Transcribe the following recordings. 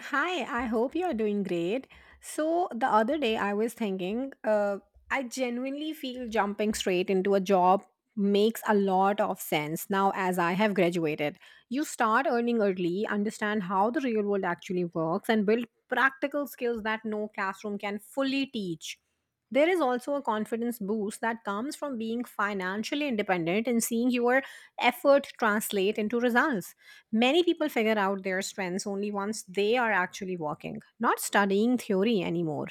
Hi, I hope you're doing great. So, the other day I was thinking, I genuinely feel jumping straight into a job makes a lot of sense now as I have graduated. You start earning early, understand how the real world actually works, and build practical skills that no classroom can fully teach. There is also a confidence boost that comes from being financially independent and seeing your effort translate into results. Many people figure out their strengths only once they are actually working, not studying theory anymore.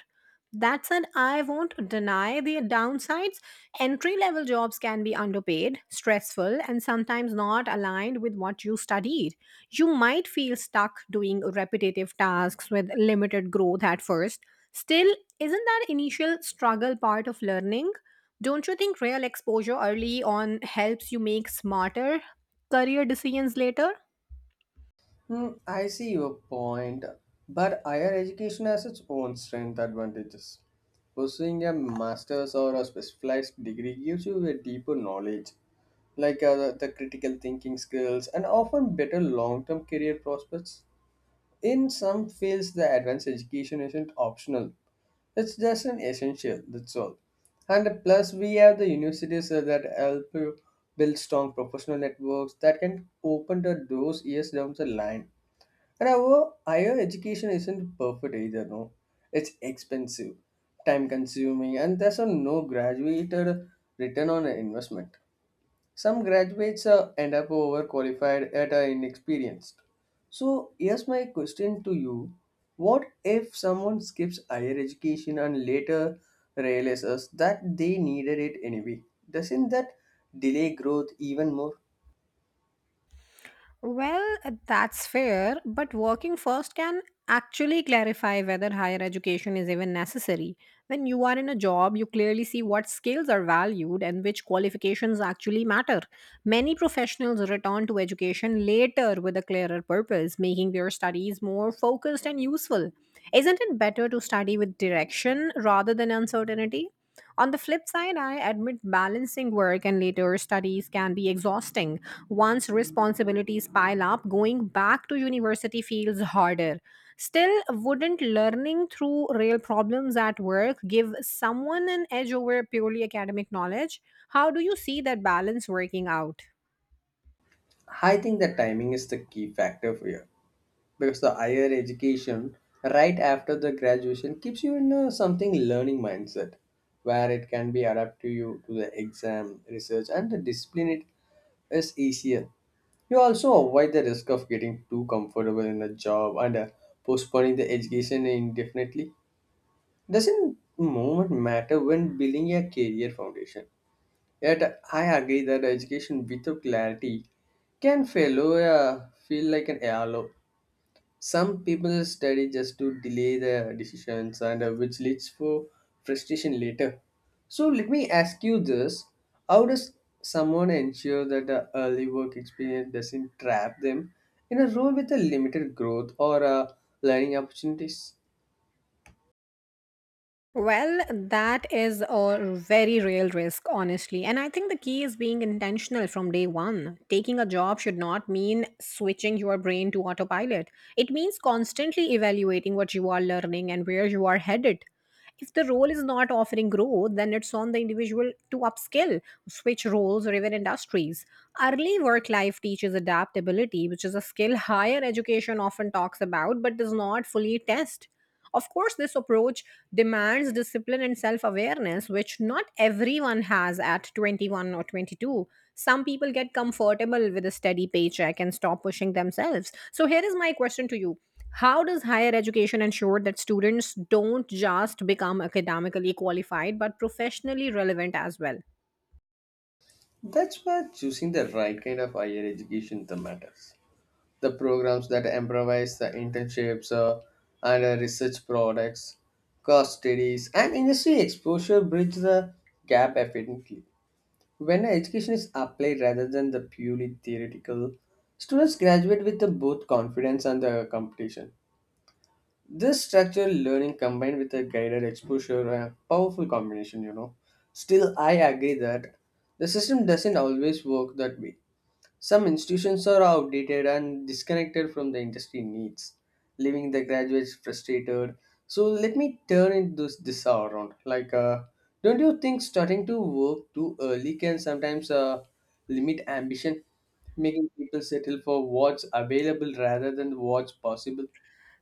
That said, I won't deny the downsides. Entry level jobs can be underpaid, stressful, and sometimes not aligned with what you studied. You might feel stuck doing repetitive tasks with limited growth at first. Still, isn't that initial struggle part of learning? Don't you think real exposure early on helps you make smarter career decisions later? I see your point, but higher education has its own strength advantages. Pursuing a master's or a specialized degree gives you a deeper knowledge, like the critical thinking skills, and often better long term career prospects. In some fields, the advanced education isn't optional, it's just an essential, that's all. And plus, we have the universities that help you build strong professional networks that can open the doors years down the line. And our higher education isn't perfect either, no. It's expensive, time consuming, and there's a no graduated return on investment. Some graduates end up overqualified at inexperienced. So here's my question to you. What if someone skips higher education and later realizes that they needed it anyway? Doesn't that delay growth even more? Well, that's fair, but working first can actually clarify whether higher education is even necessary. When you are in a job, you clearly see what skills are valued and which qualifications actually matter. Many professionals return to education later with a clearer purpose, making their studies more focused and useful. Isn't it better to study with direction rather than uncertainty? On the flip side, I admit balancing work and later studies can be exhausting. Once responsibilities pile up, going back to university feels harder. Still, wouldn't learning through real problems at work give someone an edge over purely academic knowledge? How do you see that balance working out? I think the timing is the key factor here. Because the higher education right after the graduation keeps you in a something learning mindset where it can be adapted to you to the exam research and the discipline it is easier. You also avoid the risk of getting too comfortable in a job and postponing the education indefinitely. Doesn't moment matter when building a career foundation? Yet I agree that education without clarity can fail feel like an halo. Some people study just to delay their decisions and which leads to frustration later. So let me ask you this. How does someone ensure that the early work experience doesn't trap them in a role with a limited growth or learning opportunities? Well, that is a very real risk, honestly. And I think the key is being intentional from day one. Taking a job should not mean switching your brain to autopilot, it means constantly evaluating what you are learning and where you are headed. If the role is not offering growth, then it's on the individual to upskill, switch roles, or even industries. Early work life teaches adaptability, which is a skill higher education often talks about but does not fully test. Of course, this approach demands discipline and self awareness, which not everyone has at 21 or 22. Some people get comfortable with a steady paycheck and stop pushing themselves. So, here is my question to you. How does higher education ensure that students don't just become academically qualified but professionally relevant as well? That's where choosing the right kind of higher education that matters. The programs that improvise the internships and research products, cost studies, and industry exposure bridge the gap efficiently. When education is applied rather than the purely theoretical, students graduate with the both confidence and the competition. This structured learning combined with a guided exposure, a powerful combination, Still, I agree that the system doesn't always work that way. Some institutions are outdated and disconnected from the industry needs, leaving the graduates frustrated. So let me turn it this around. Don't you think starting to work too early can sometimes limit ambition, making people settle for what's available rather than what's possible?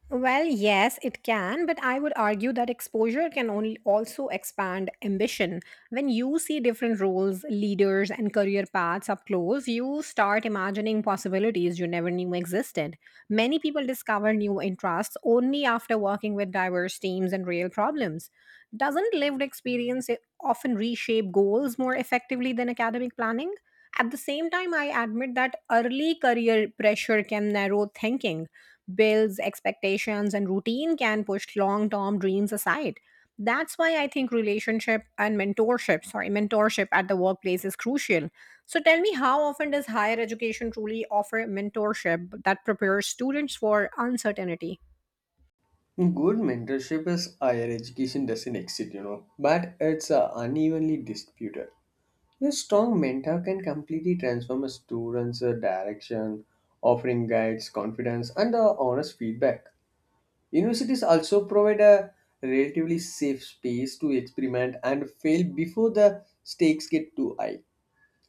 Well, yes, it can, but I would argue that exposure can only also expand ambition. When you see different roles, leaders, and career paths up close, you start imagining possibilities you never knew existed. Many people discover new interests only after working with diverse teams and real problems. Doesn't lived experience often reshape goals more effectively than academic planning? At the same time, I admit that early career pressure can narrow thinking. Bills, expectations, and routine can push long term dreams aside. That's why I think relationship and mentorship, sorry, mentorship at the workplace is crucial. So tell me, how often does higher education truly offer mentorship that prepares students for uncertainty? Good mentorship is higher education doesn't exist, but it's unevenly distributed. A strong mentor can completely transform a student's direction, offering guides, confidence, and honest feedback. Universities also provide a relatively safe space to experiment and fail before the stakes get too high.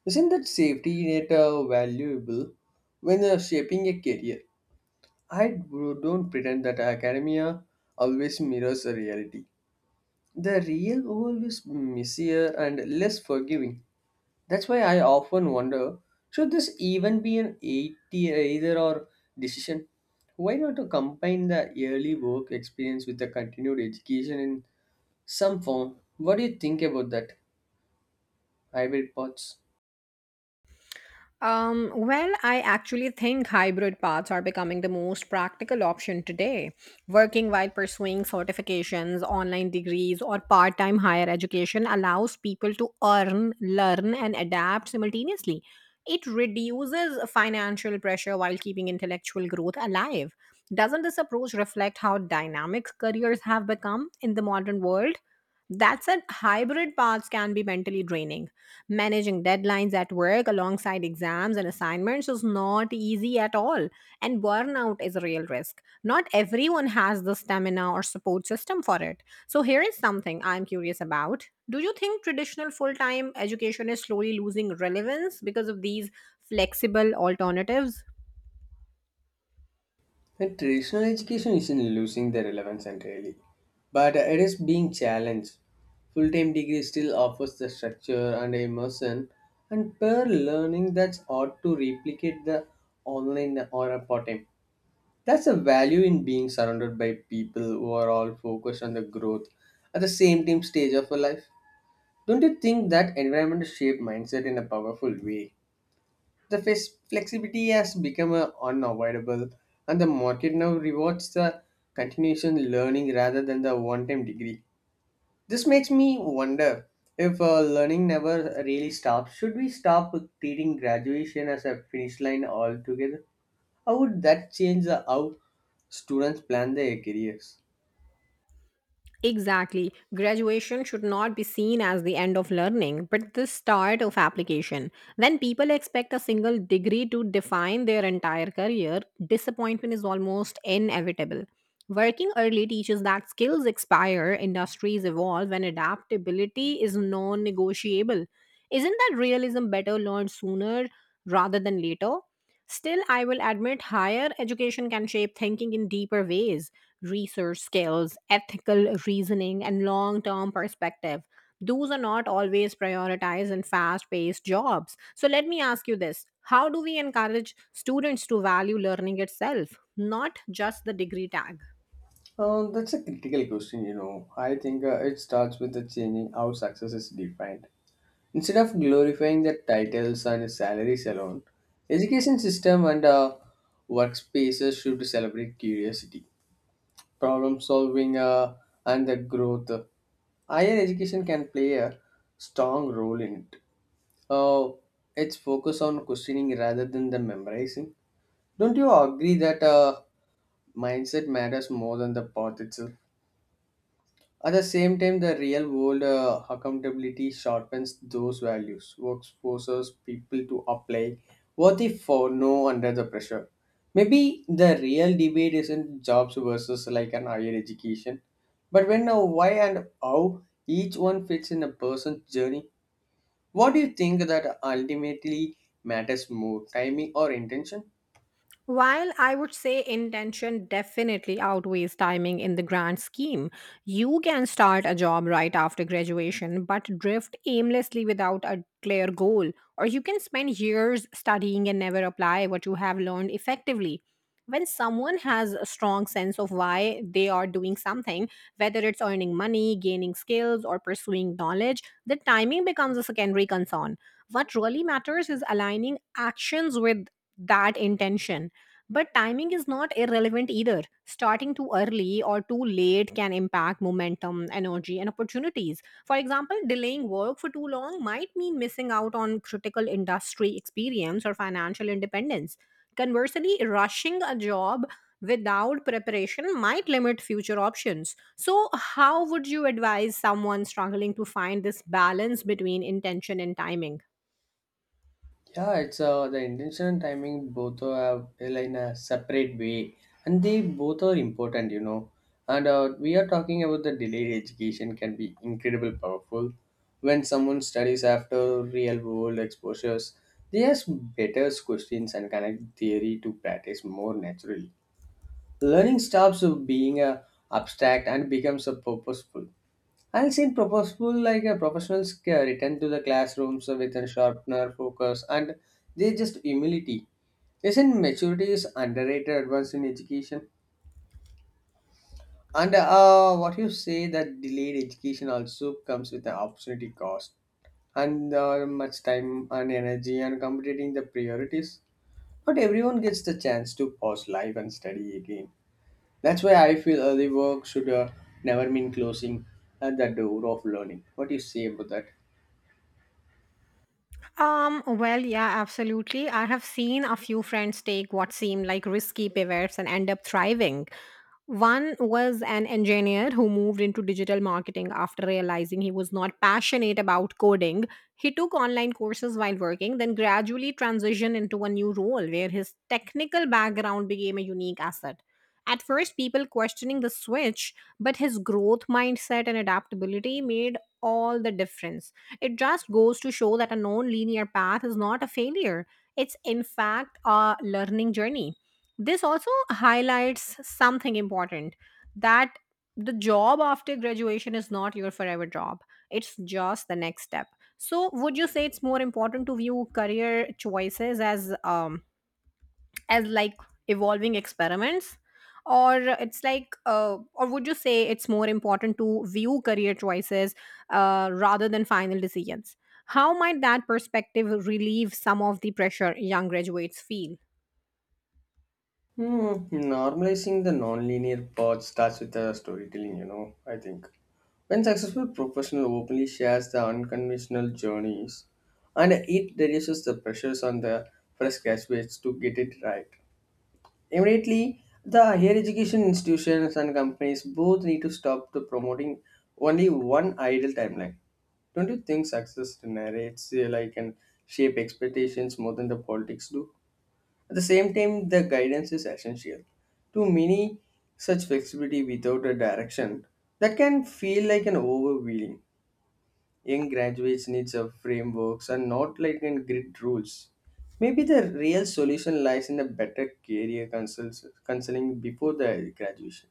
Isn't that safety net valuable when shaping a career? Don't pretend that academia always mirrors the reality. The real world is messier and less forgiving. That's why I often wonder, should this even be an 80 either or decision? Why not to combine the early work experience with the continued education in some form? What do you think about that? Hybrid paths. Well, I actually think hybrid paths are becoming the most practical option today. Working while pursuing certifications, online degrees, or part time higher education allows people to earn, learn, and adapt simultaneously. It reduces financial pressure while keeping intellectual growth alive. Doesn't this approach reflect how dynamic careers have become in the modern world? That said, hybrid paths can be mentally draining. Managing deadlines at work alongside exams and assignments is not easy at all. And burnout is a real risk. Not everyone has the stamina or support system for it. So, here is something I'm curious about. Do you think traditional full time education is slowly losing relevance because of these flexible alternatives? And traditional education isn't losing their relevance entirely, but it is being challenged. Full time degree still offers the structure and immersion, and peer learning that's ought to replicate the online or part time. That's a value in being surrounded by people who are all focused on the growth at the same time stage of your life. Don't you think that environment shape mindset in a powerful way? Flexibility has become unavoidable, and the market now rewards the continuation learning rather than the one-time degree. This makes me wonder if learning never really stops. Should we stop treating graduation as a finish line altogether? How would that change how students plan their careers? Exactly. Graduation should not be seen as the end of learning, but the start of application. When people expect a single degree to define their entire career, disappointment is almost inevitable. Working early teaches that skills expire, industries evolve, and adaptability is non negotiable. Isn't that realism better learned sooner rather than later? Still, I will admit higher education can shape thinking in deeper ways: research skills, ethical reasoning, and long term perspective. Those are not always prioritized in fast paced jobs. So, let me ask you this. How do we encourage students to value learning itself, not just the degree tag? That's a critical question, I think it starts with the changing how success is defined. Instead of glorifying the titles and salaries alone, education system and workspaces should celebrate curiosity, problem solving, and the growth. Higher education can play a strong role in it. Uh, it's focus on questioning rather than the memorizing. Don't you agree that mindset matters more than the path itself? At the same time, the real world accountability sharpens those values, works forces people to apply worthy for no under the pressure. Maybe the real debate isn't jobs versus like an higher education, but when, why, and how each one fits in a person's journey. What do you think that ultimately matters more, timing or intention? While I would say intention definitely outweighs timing in the grand scheme, you can start a job right after graduation but drift aimlessly without a clear goal, or you can spend years studying and never apply what you have learned effectively. When someone has a strong sense of why they are doing something, whether it's earning money, gaining skills, or pursuing knowledge, the timing becomes a secondary concern. What really matters is aligning actions with that intention. But timing is not irrelevant either. Starting too early or too late can impact momentum, energy, and opportunities. For example, delaying work for too long might mean missing out on critical industry experience or financial independence. Conversely, rushing a job without preparation might limit future options. So, how would you advise someone struggling to find this balance between intention and timing? Yeah, it's the intention and timing both are in a separate way, and they both are important, And We are talking about the delayed education can be incredibly powerful. When someone studies after real world exposures, they ask better questions and connect theory to practice more naturally. Learning stops being a abstract and becomes a purposeful. I've seen purposeful, like a professionals scare, return to the classrooms with a sharpener, focus, and they just humility. Isn't maturity is underrated advance in education? And What you say that delayed education also comes with an opportunity cost and much time and energy and completing the priorities. Not everyone gets the chance to pause life and study again. That's why I feel early work should never mean closing the door of learning. What do you say about that? Well, yeah, absolutely. I have seen a few friends take what seemed like risky pivots and end up thriving. One was an engineer who moved into digital marketing after realizing he was not passionate about coding. He took online courses while working, then gradually transitioned into a new role where his technical background became a unique asset. At first, people questioning the switch, but his growth mindset and adaptability made all the difference. It just goes to show that a non linear path is not a failure, it's in fact a learning journey. This also highlights something important, that the job after graduation is not your forever job, it's just the next step. So, would you say it's more important to view career choices as as like evolving experiments, or would you say it's more important to view career choices, rather than final decisions? How might that perspective relieve some of the pressure young graduates feel? Hmm, Normalizing the non-linear part starts with the storytelling, I think. When successful professional openly shares the unconventional journeys, and it reduces the pressures on the fresh graduates to get it right. Immediately, the higher education institutions and companies both need to stop the promoting only one ideal timeline. Don't you think success narrates and shape expectations more than the politics do? At the same time, the guidance is essential. Too many such flexibility without a direction that can feel like an overwhelming. Young graduates needs of frameworks and not like in grid rules. Maybe the real solution lies in a better career counseling before the graduation.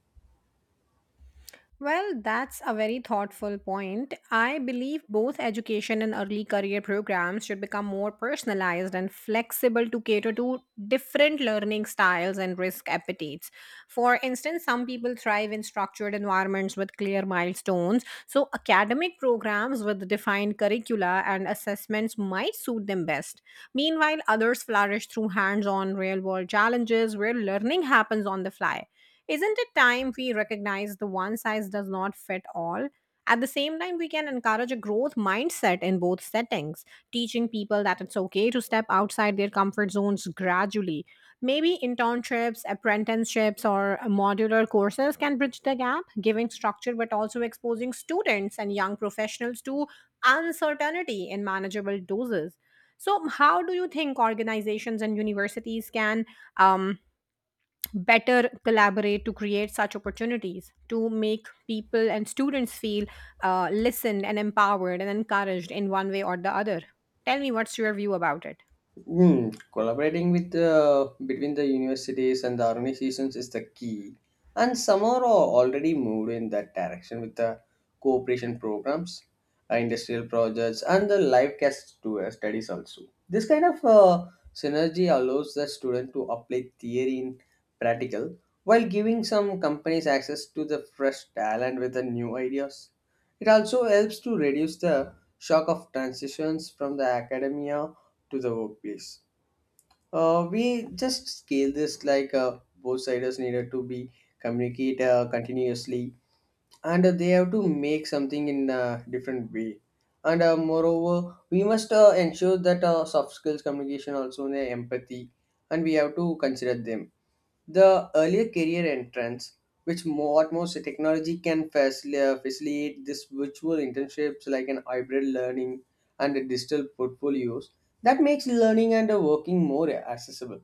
Well, that's a very thoughtful point. I believe both education and early career programs should become more personalized and flexible to cater to different learning styles and risk appetites. For instance, some people thrive in structured environments with clear milestones, so academic programs with defined curricula and assessments might suit them best. Meanwhile, others flourish through hands on real world challenges where learning happens on the fly. Isn't it time we recognize the one size does not fit all? At the same time, we can encourage a growth mindset in both settings, teaching people that it's okay to step outside their comfort zones gradually. Maybe internships, apprenticeships, or modular courses can bridge the gap, giving structure but also exposing students and young professionals to uncertainty in manageable doses. So, how do you think organizations and universities can, um, better collaborate to create such opportunities to make people and students feel listened and empowered and encouraged in one way or the other? Tell me what's your view about it. Collaborating with between the universities and the organizations is the key, and some are already moved in that direction with the cooperation programs, industrial projects, and the live cast to, studies also. This kind of synergy allows the student to apply theory in practical while giving some companies access to the fresh talent with the new ideas. It also helps to reduce the shock of transitions from the academia to the workplace. We just scale this like both sides needed to be communicate continuously and they have to make something in a different way and moreover we must ensure that soft skills communication also and empathy and we have to consider them the earlier career entrance which more, what most technology can facilitate this virtual internships like an hybrid learning and a digital portfolios that makes learning and working more accessible.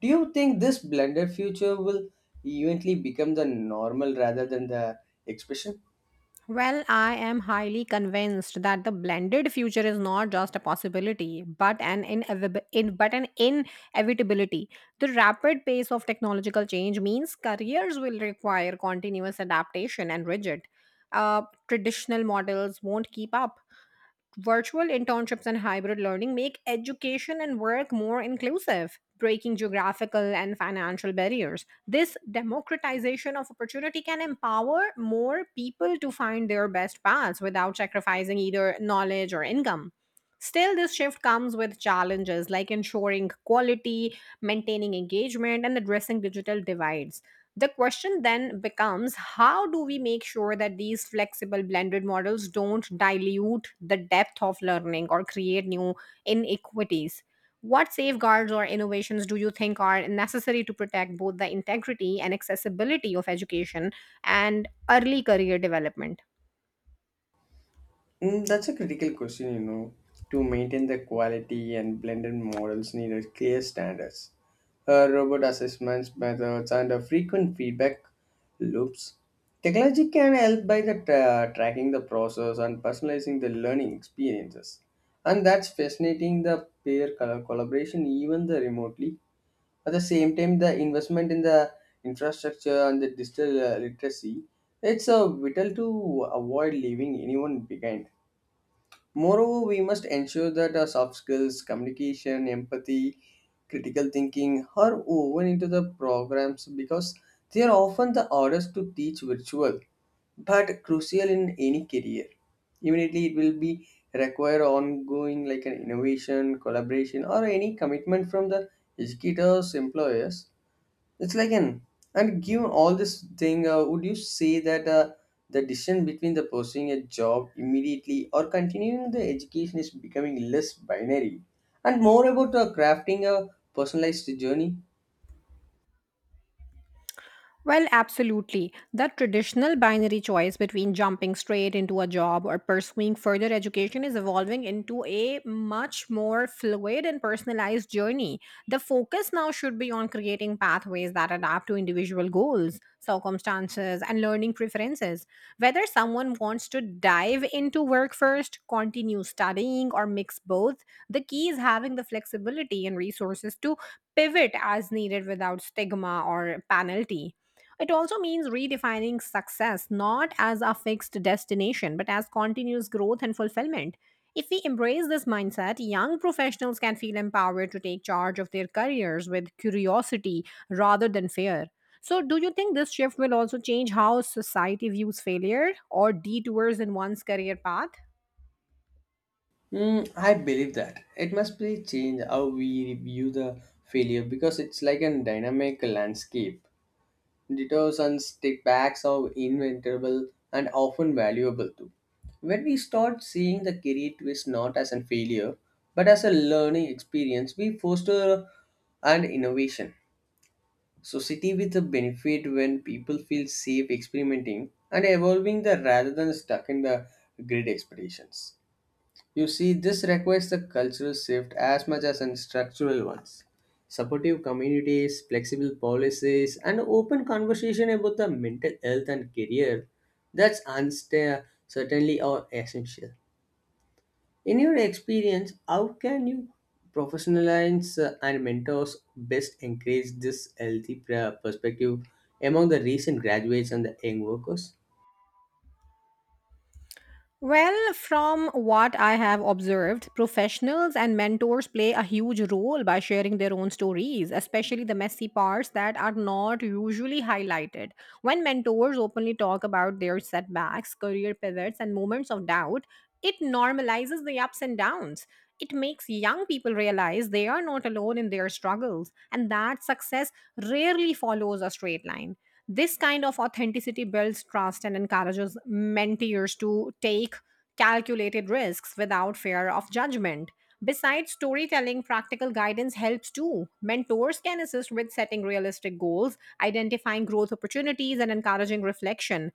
Do you think this blended future will eventually become the normal rather than the expression? Well, I am highly convinced that the blended future is not just a possibility, but an inevitability. The rapid pace of technological change means careers will require continuous adaptation and rigid. Uh, Traditional models won't keep up. Virtual internships and hybrid learning make education and work more inclusive, breaking geographical and financial barriers. This democratization of opportunity can empower more people to find their best paths without sacrificing either knowledge or income. Still, this shift comes with challenges like ensuring quality, maintaining engagement, and addressing digital divides. The question then becomes, how do we make sure that these flexible blended models don't dilute the depth of learning or create new inequities? What safeguards or innovations do you think are necessary to protect both the integrity and accessibility of education and early career development? That's a critical question, To maintain the quality and blended models need a clear standards, robot assessments methods, and frequent feedback loops. Technology can help by the tracking the process and personalizing the learning experiences, and that's fascinating. The collaboration, even the remotely. At the same time, the investment in the infrastructure and the digital literacy, it's vital to avoid leaving anyone behind. Moreover, we must ensure that our soft skills, communication, empathy, critical thinking are woven into the programs because they are often the hardest to teach virtual but crucial in any career. Immediately, it will be require ongoing like an innovation, collaboration, or any commitment from the educators, employers it's like an and given all this thing, would you say that the decision between the pursuing a job immediately or continuing the education is becoming less binary and more about crafting a personalized journey? Well, absolutely. The traditional binary choice between jumping straight into a job or pursuing further education is evolving into a much more fluid and personalized journey. The focus now should be on creating pathways that adapt to individual goals, circumstances, and learning preferences. Whether someone wants to dive into work first, continue studying, or mix both, the key is having the flexibility and resources to pivot as needed without stigma or penalty. It also means redefining success not as a fixed destination, but as continuous growth and fulfillment. If we embrace this mindset, young professionals can feel empowered to take charge of their careers with curiosity rather than fear. So, do you think this shift will also change how society views failure or detours in one's career path? I believe that it must be change how we view the failure because it's like a dynamic landscape. Detours and stickbacks are inventable and often valuable too. When we start seeing the career twist not as a failure but as a learning experience, we foster an innovation. Society with a benefit when people feel safe experimenting and evolving the rather than stuck in the grid expectations. You see, this requires a cultural shift as much as an structural ones. Supportive communities, flexible policies, and open conversation about the mental health and career that's certainly are essential. In your experience, how can you professionalize and mentors best encourage this healthy perspective among the recent graduates and the young workers? Well, from what I have observed, professionals and mentors play a huge role by sharing their own stories, especially the messy parts that are not usually highlighted. When mentors openly talk about their setbacks, career pivots, and moments of doubt, it normalizes the ups and downs. It makes young people realize they are not alone in their struggles and that success rarely follows a straight line. This kind of authenticity builds trust and encourages mentors to take calculated risks without fear of judgment. Besides storytelling, practical guidance helps too. Mentors can assist with setting realistic goals, identifying growth opportunities, and encouraging reflection.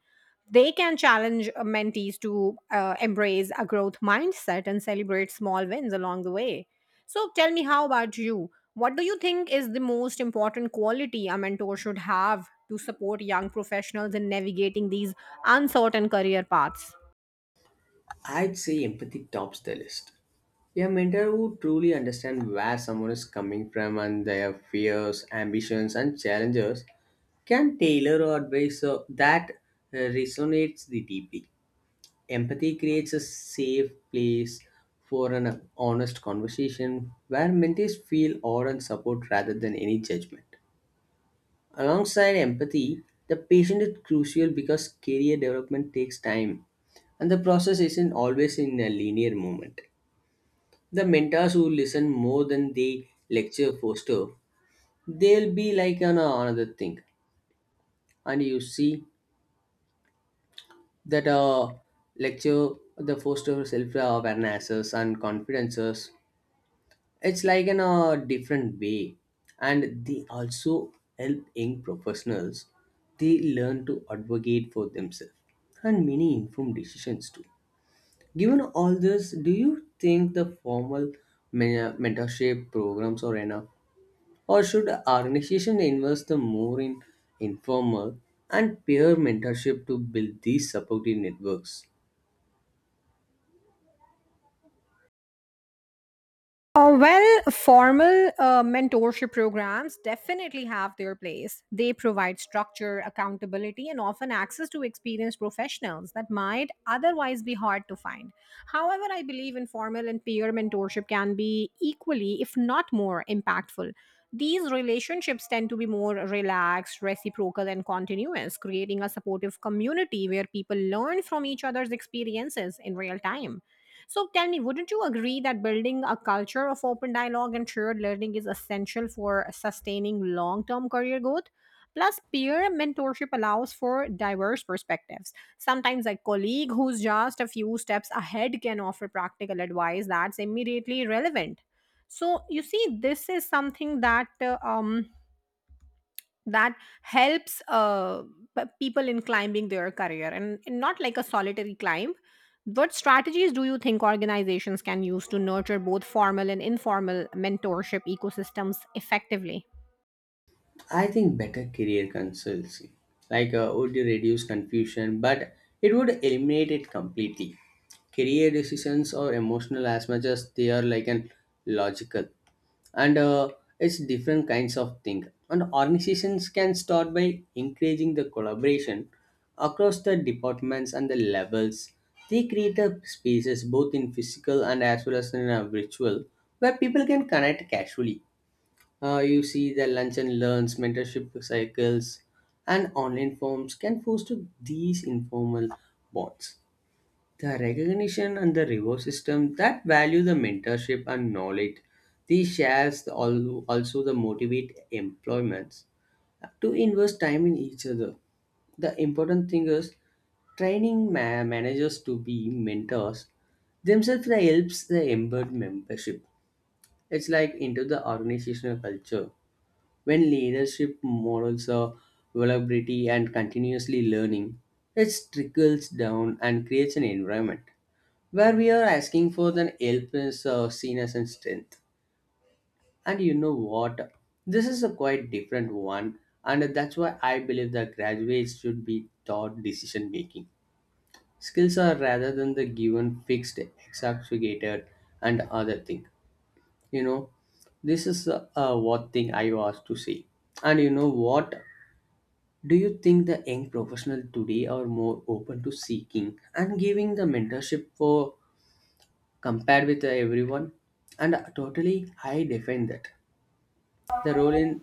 They can challenge mentees to embrace a growth mindset and celebrate small wins along the way. So, tell me, how about you? What do you think is the most important quality a mentor should have to support young professionals in navigating these uncertain career paths? I'd say empathy tops the list. A mentor who truly understands where someone is coming from and their fears, ambitions, and challenges can tailor advice so that resonates the deeply. Empathy creates a safe place for an honest conversation where mentees feel awe and support rather than any judgment. Alongside empathy, the patient is crucial because career development takes time, and the process isn't always in a linear moment. The mentors who listen more than they lecture foster, they'll be like an another thing, and you see that lecture, the foster self awarenesses and confidences. It's like in a different way, and they also help young professionals, they learn to advocate for themselves and many informed decisions too. Given all this, do you think the formal mentorship programs are enough? Or should organizations invest the more in informal and peer mentorship to build these supportive networks? Well, formal mentorship programs definitely have their place. They provide structure, accountability, and often access to experienced professionals that might otherwise be hard to find. However, I believe informal and peer mentorship can be equally, if not more, impactful. These relationships tend to be more relaxed, reciprocal, and continuous, creating a supportive community where people learn from each other's experiences in real time. So tell me, wouldn't you agree that building a culture of open dialogue and shared learning is essential for sustaining long term career growth? Plus, peer mentorship allows for diverse perspectives. Sometimes, a colleague who's just a few steps ahead can offer practical advice that's immediately relevant. So, you see, this is something that helps people in climbing their career, and not like a solitary climb. What strategies do you think organizations can use to nurture both formal and informal mentorship ecosystems effectively? I think better career consultancy, like would reduce confusion, but it would eliminate it completely. Career decisions are emotional as much as they are like an logical, and it's different kinds of thing. And organizations can start by encouraging the collaboration across the departments and the levels. They create a spaces both in physical and as well as in a virtual where people can connect casually. You see that lunch and learns, mentorship cycles, and online forms can foster these informal bonds. The recognition and the reward system that value the mentorship and knowledge, these shares also the motivate employments to invest time in each other. The important thing is training managers to be mentors themselves, that helps the embed membership. It's like into the organizational culture when leadership models are vulnerability and continuously learning, it trickles down and creates an environment where we are asking for the help is seen as a strength. And you know what? This is a quite different one, and that's why I believe that graduates should be taught decision making. Skills are rather than the given, fixed, exacerbated, and other thing. You know, this is what thing I was to say. And you know what? Do you think the young professionals today are more open to seeking and giving the mentorship for compared with everyone? And totally, I defend that. The role in,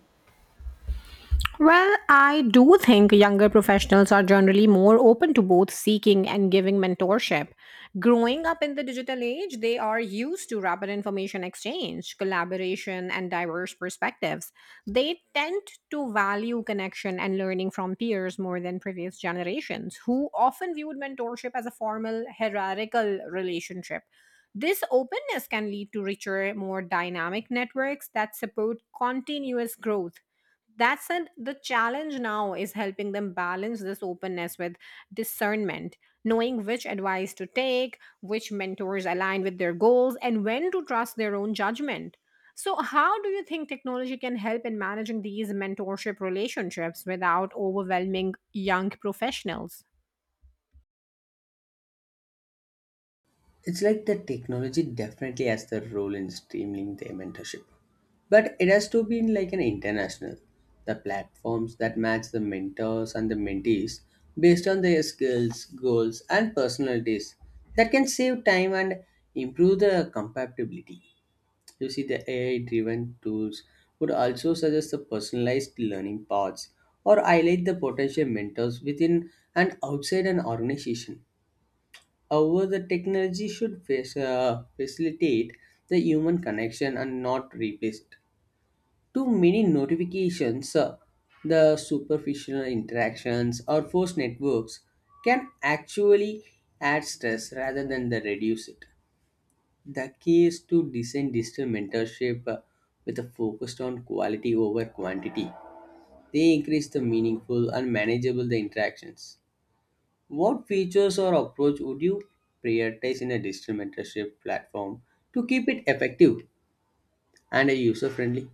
Well, I do think younger professionals are generally more open to both seeking and giving mentorship. Growing up in the digital age, they are used to rapid information exchange, collaboration, and diverse perspectives. They tend to value connection and learning from peers more than previous generations, who often viewed mentorship as a formal, hierarchical relationship. This openness can lead to richer, more dynamic networks that support continuous growth. That said, the challenge now is helping them balance this openness with discernment, knowing which advice to take, which mentors align with their goals, and when to trust their own judgment. So, how do you think technology can help in managing these mentorship relationships without overwhelming young professionals? it's like the technology definitely has the role in streamlining the mentorship, but it has to be in like an international. The platforms that match the mentors and the mentees based on their skills, goals, and personalities, that can save time and improve the compatibility. You see, the AI driven tools would also suggest the personalized learning paths or highlight the potential mentors within and outside an organization. However, the technology should facilitate the human connection and not replace it. Too many notifications, the superficial interactions, or forced networks can actually add stress rather than the reduce it. The key is to design digital mentorship with a focus on quality over quantity. They increase the meaningful and manageable the interactions. What features or approach would you prioritize in a digital mentorship platform to keep it effective and user friendly?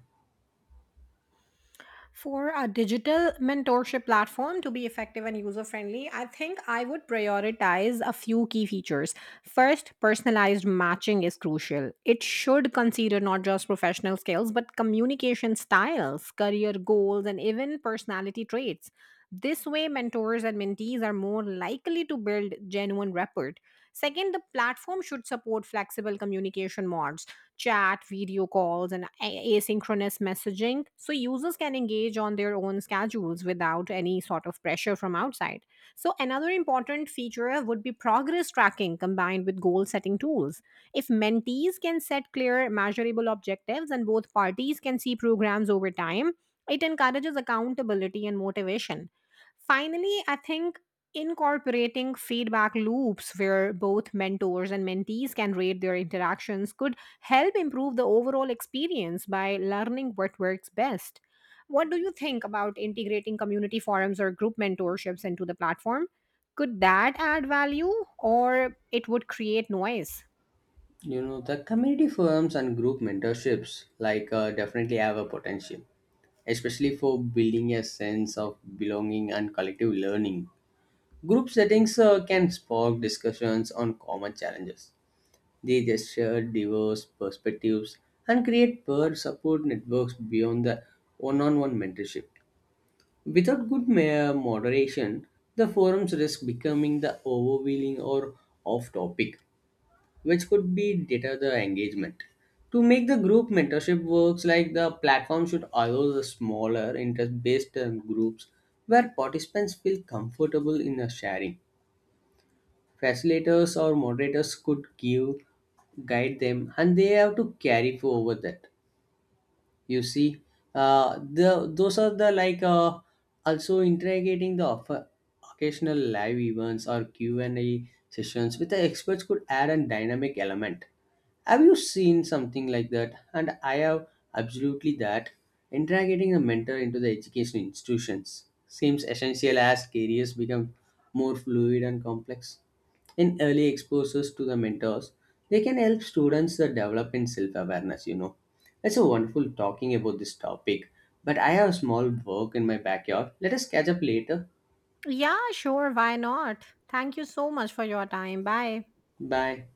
For a digital mentorship platform to be effective and user friendly, I think I would prioritize a few key features. First, personalized matching is crucial. It should consider not just professional skills, but communication styles, career goals, and even personality traits. This way, mentors and mentees are more likely to build genuine rapport. Second, the platform should support flexible communication modes: chat, video calls, and asynchronous messaging, so users can engage on their own schedules without any sort of pressure from outside. So another important feature would be progress tracking combined with goal setting tools. If mentees can set clear, measurable objectives and both parties can see programs over time, it encourages accountability and motivation. Finally, I think incorporating feedback loops where both mentors and mentees can rate their interactions could help improve the overall experience by learning what works best. What do you think about integrating community forums or group mentorships into the platform? Could that add value, or it would create noise? You know, the community forums and group mentorships definitely have a potential, especially for building a sense of belonging and collective learning. Group settings can spark discussions on common challenges. They just share diverse perspectives and create peer support networks beyond the one on one mentorship. Without good moderation, the forums risk becoming the overwhelming or off topic, which could be deter the engagement. To make the group mentorship works like, the platform should allow the smaller interest based groups where participants feel comfortable in the sharing. Facilitators or moderators could give guide them, and they have to carry for over that. You see, the those are the like also interrogating the occasional live events or q&a sessions with the experts could add a dynamic element. Have you seen something like that? And I have absolutely that integrating a mentor into the education institutions seems essential as careers become more fluid and complex. In early exposures to the mentors, they can help students develop in self-awareness, you know. It's so wonderful talking about this topic, but I have small work in my backyard. Let us catch up later. Yeah, sure, why not? Thank you so much for your time. Bye. Bye.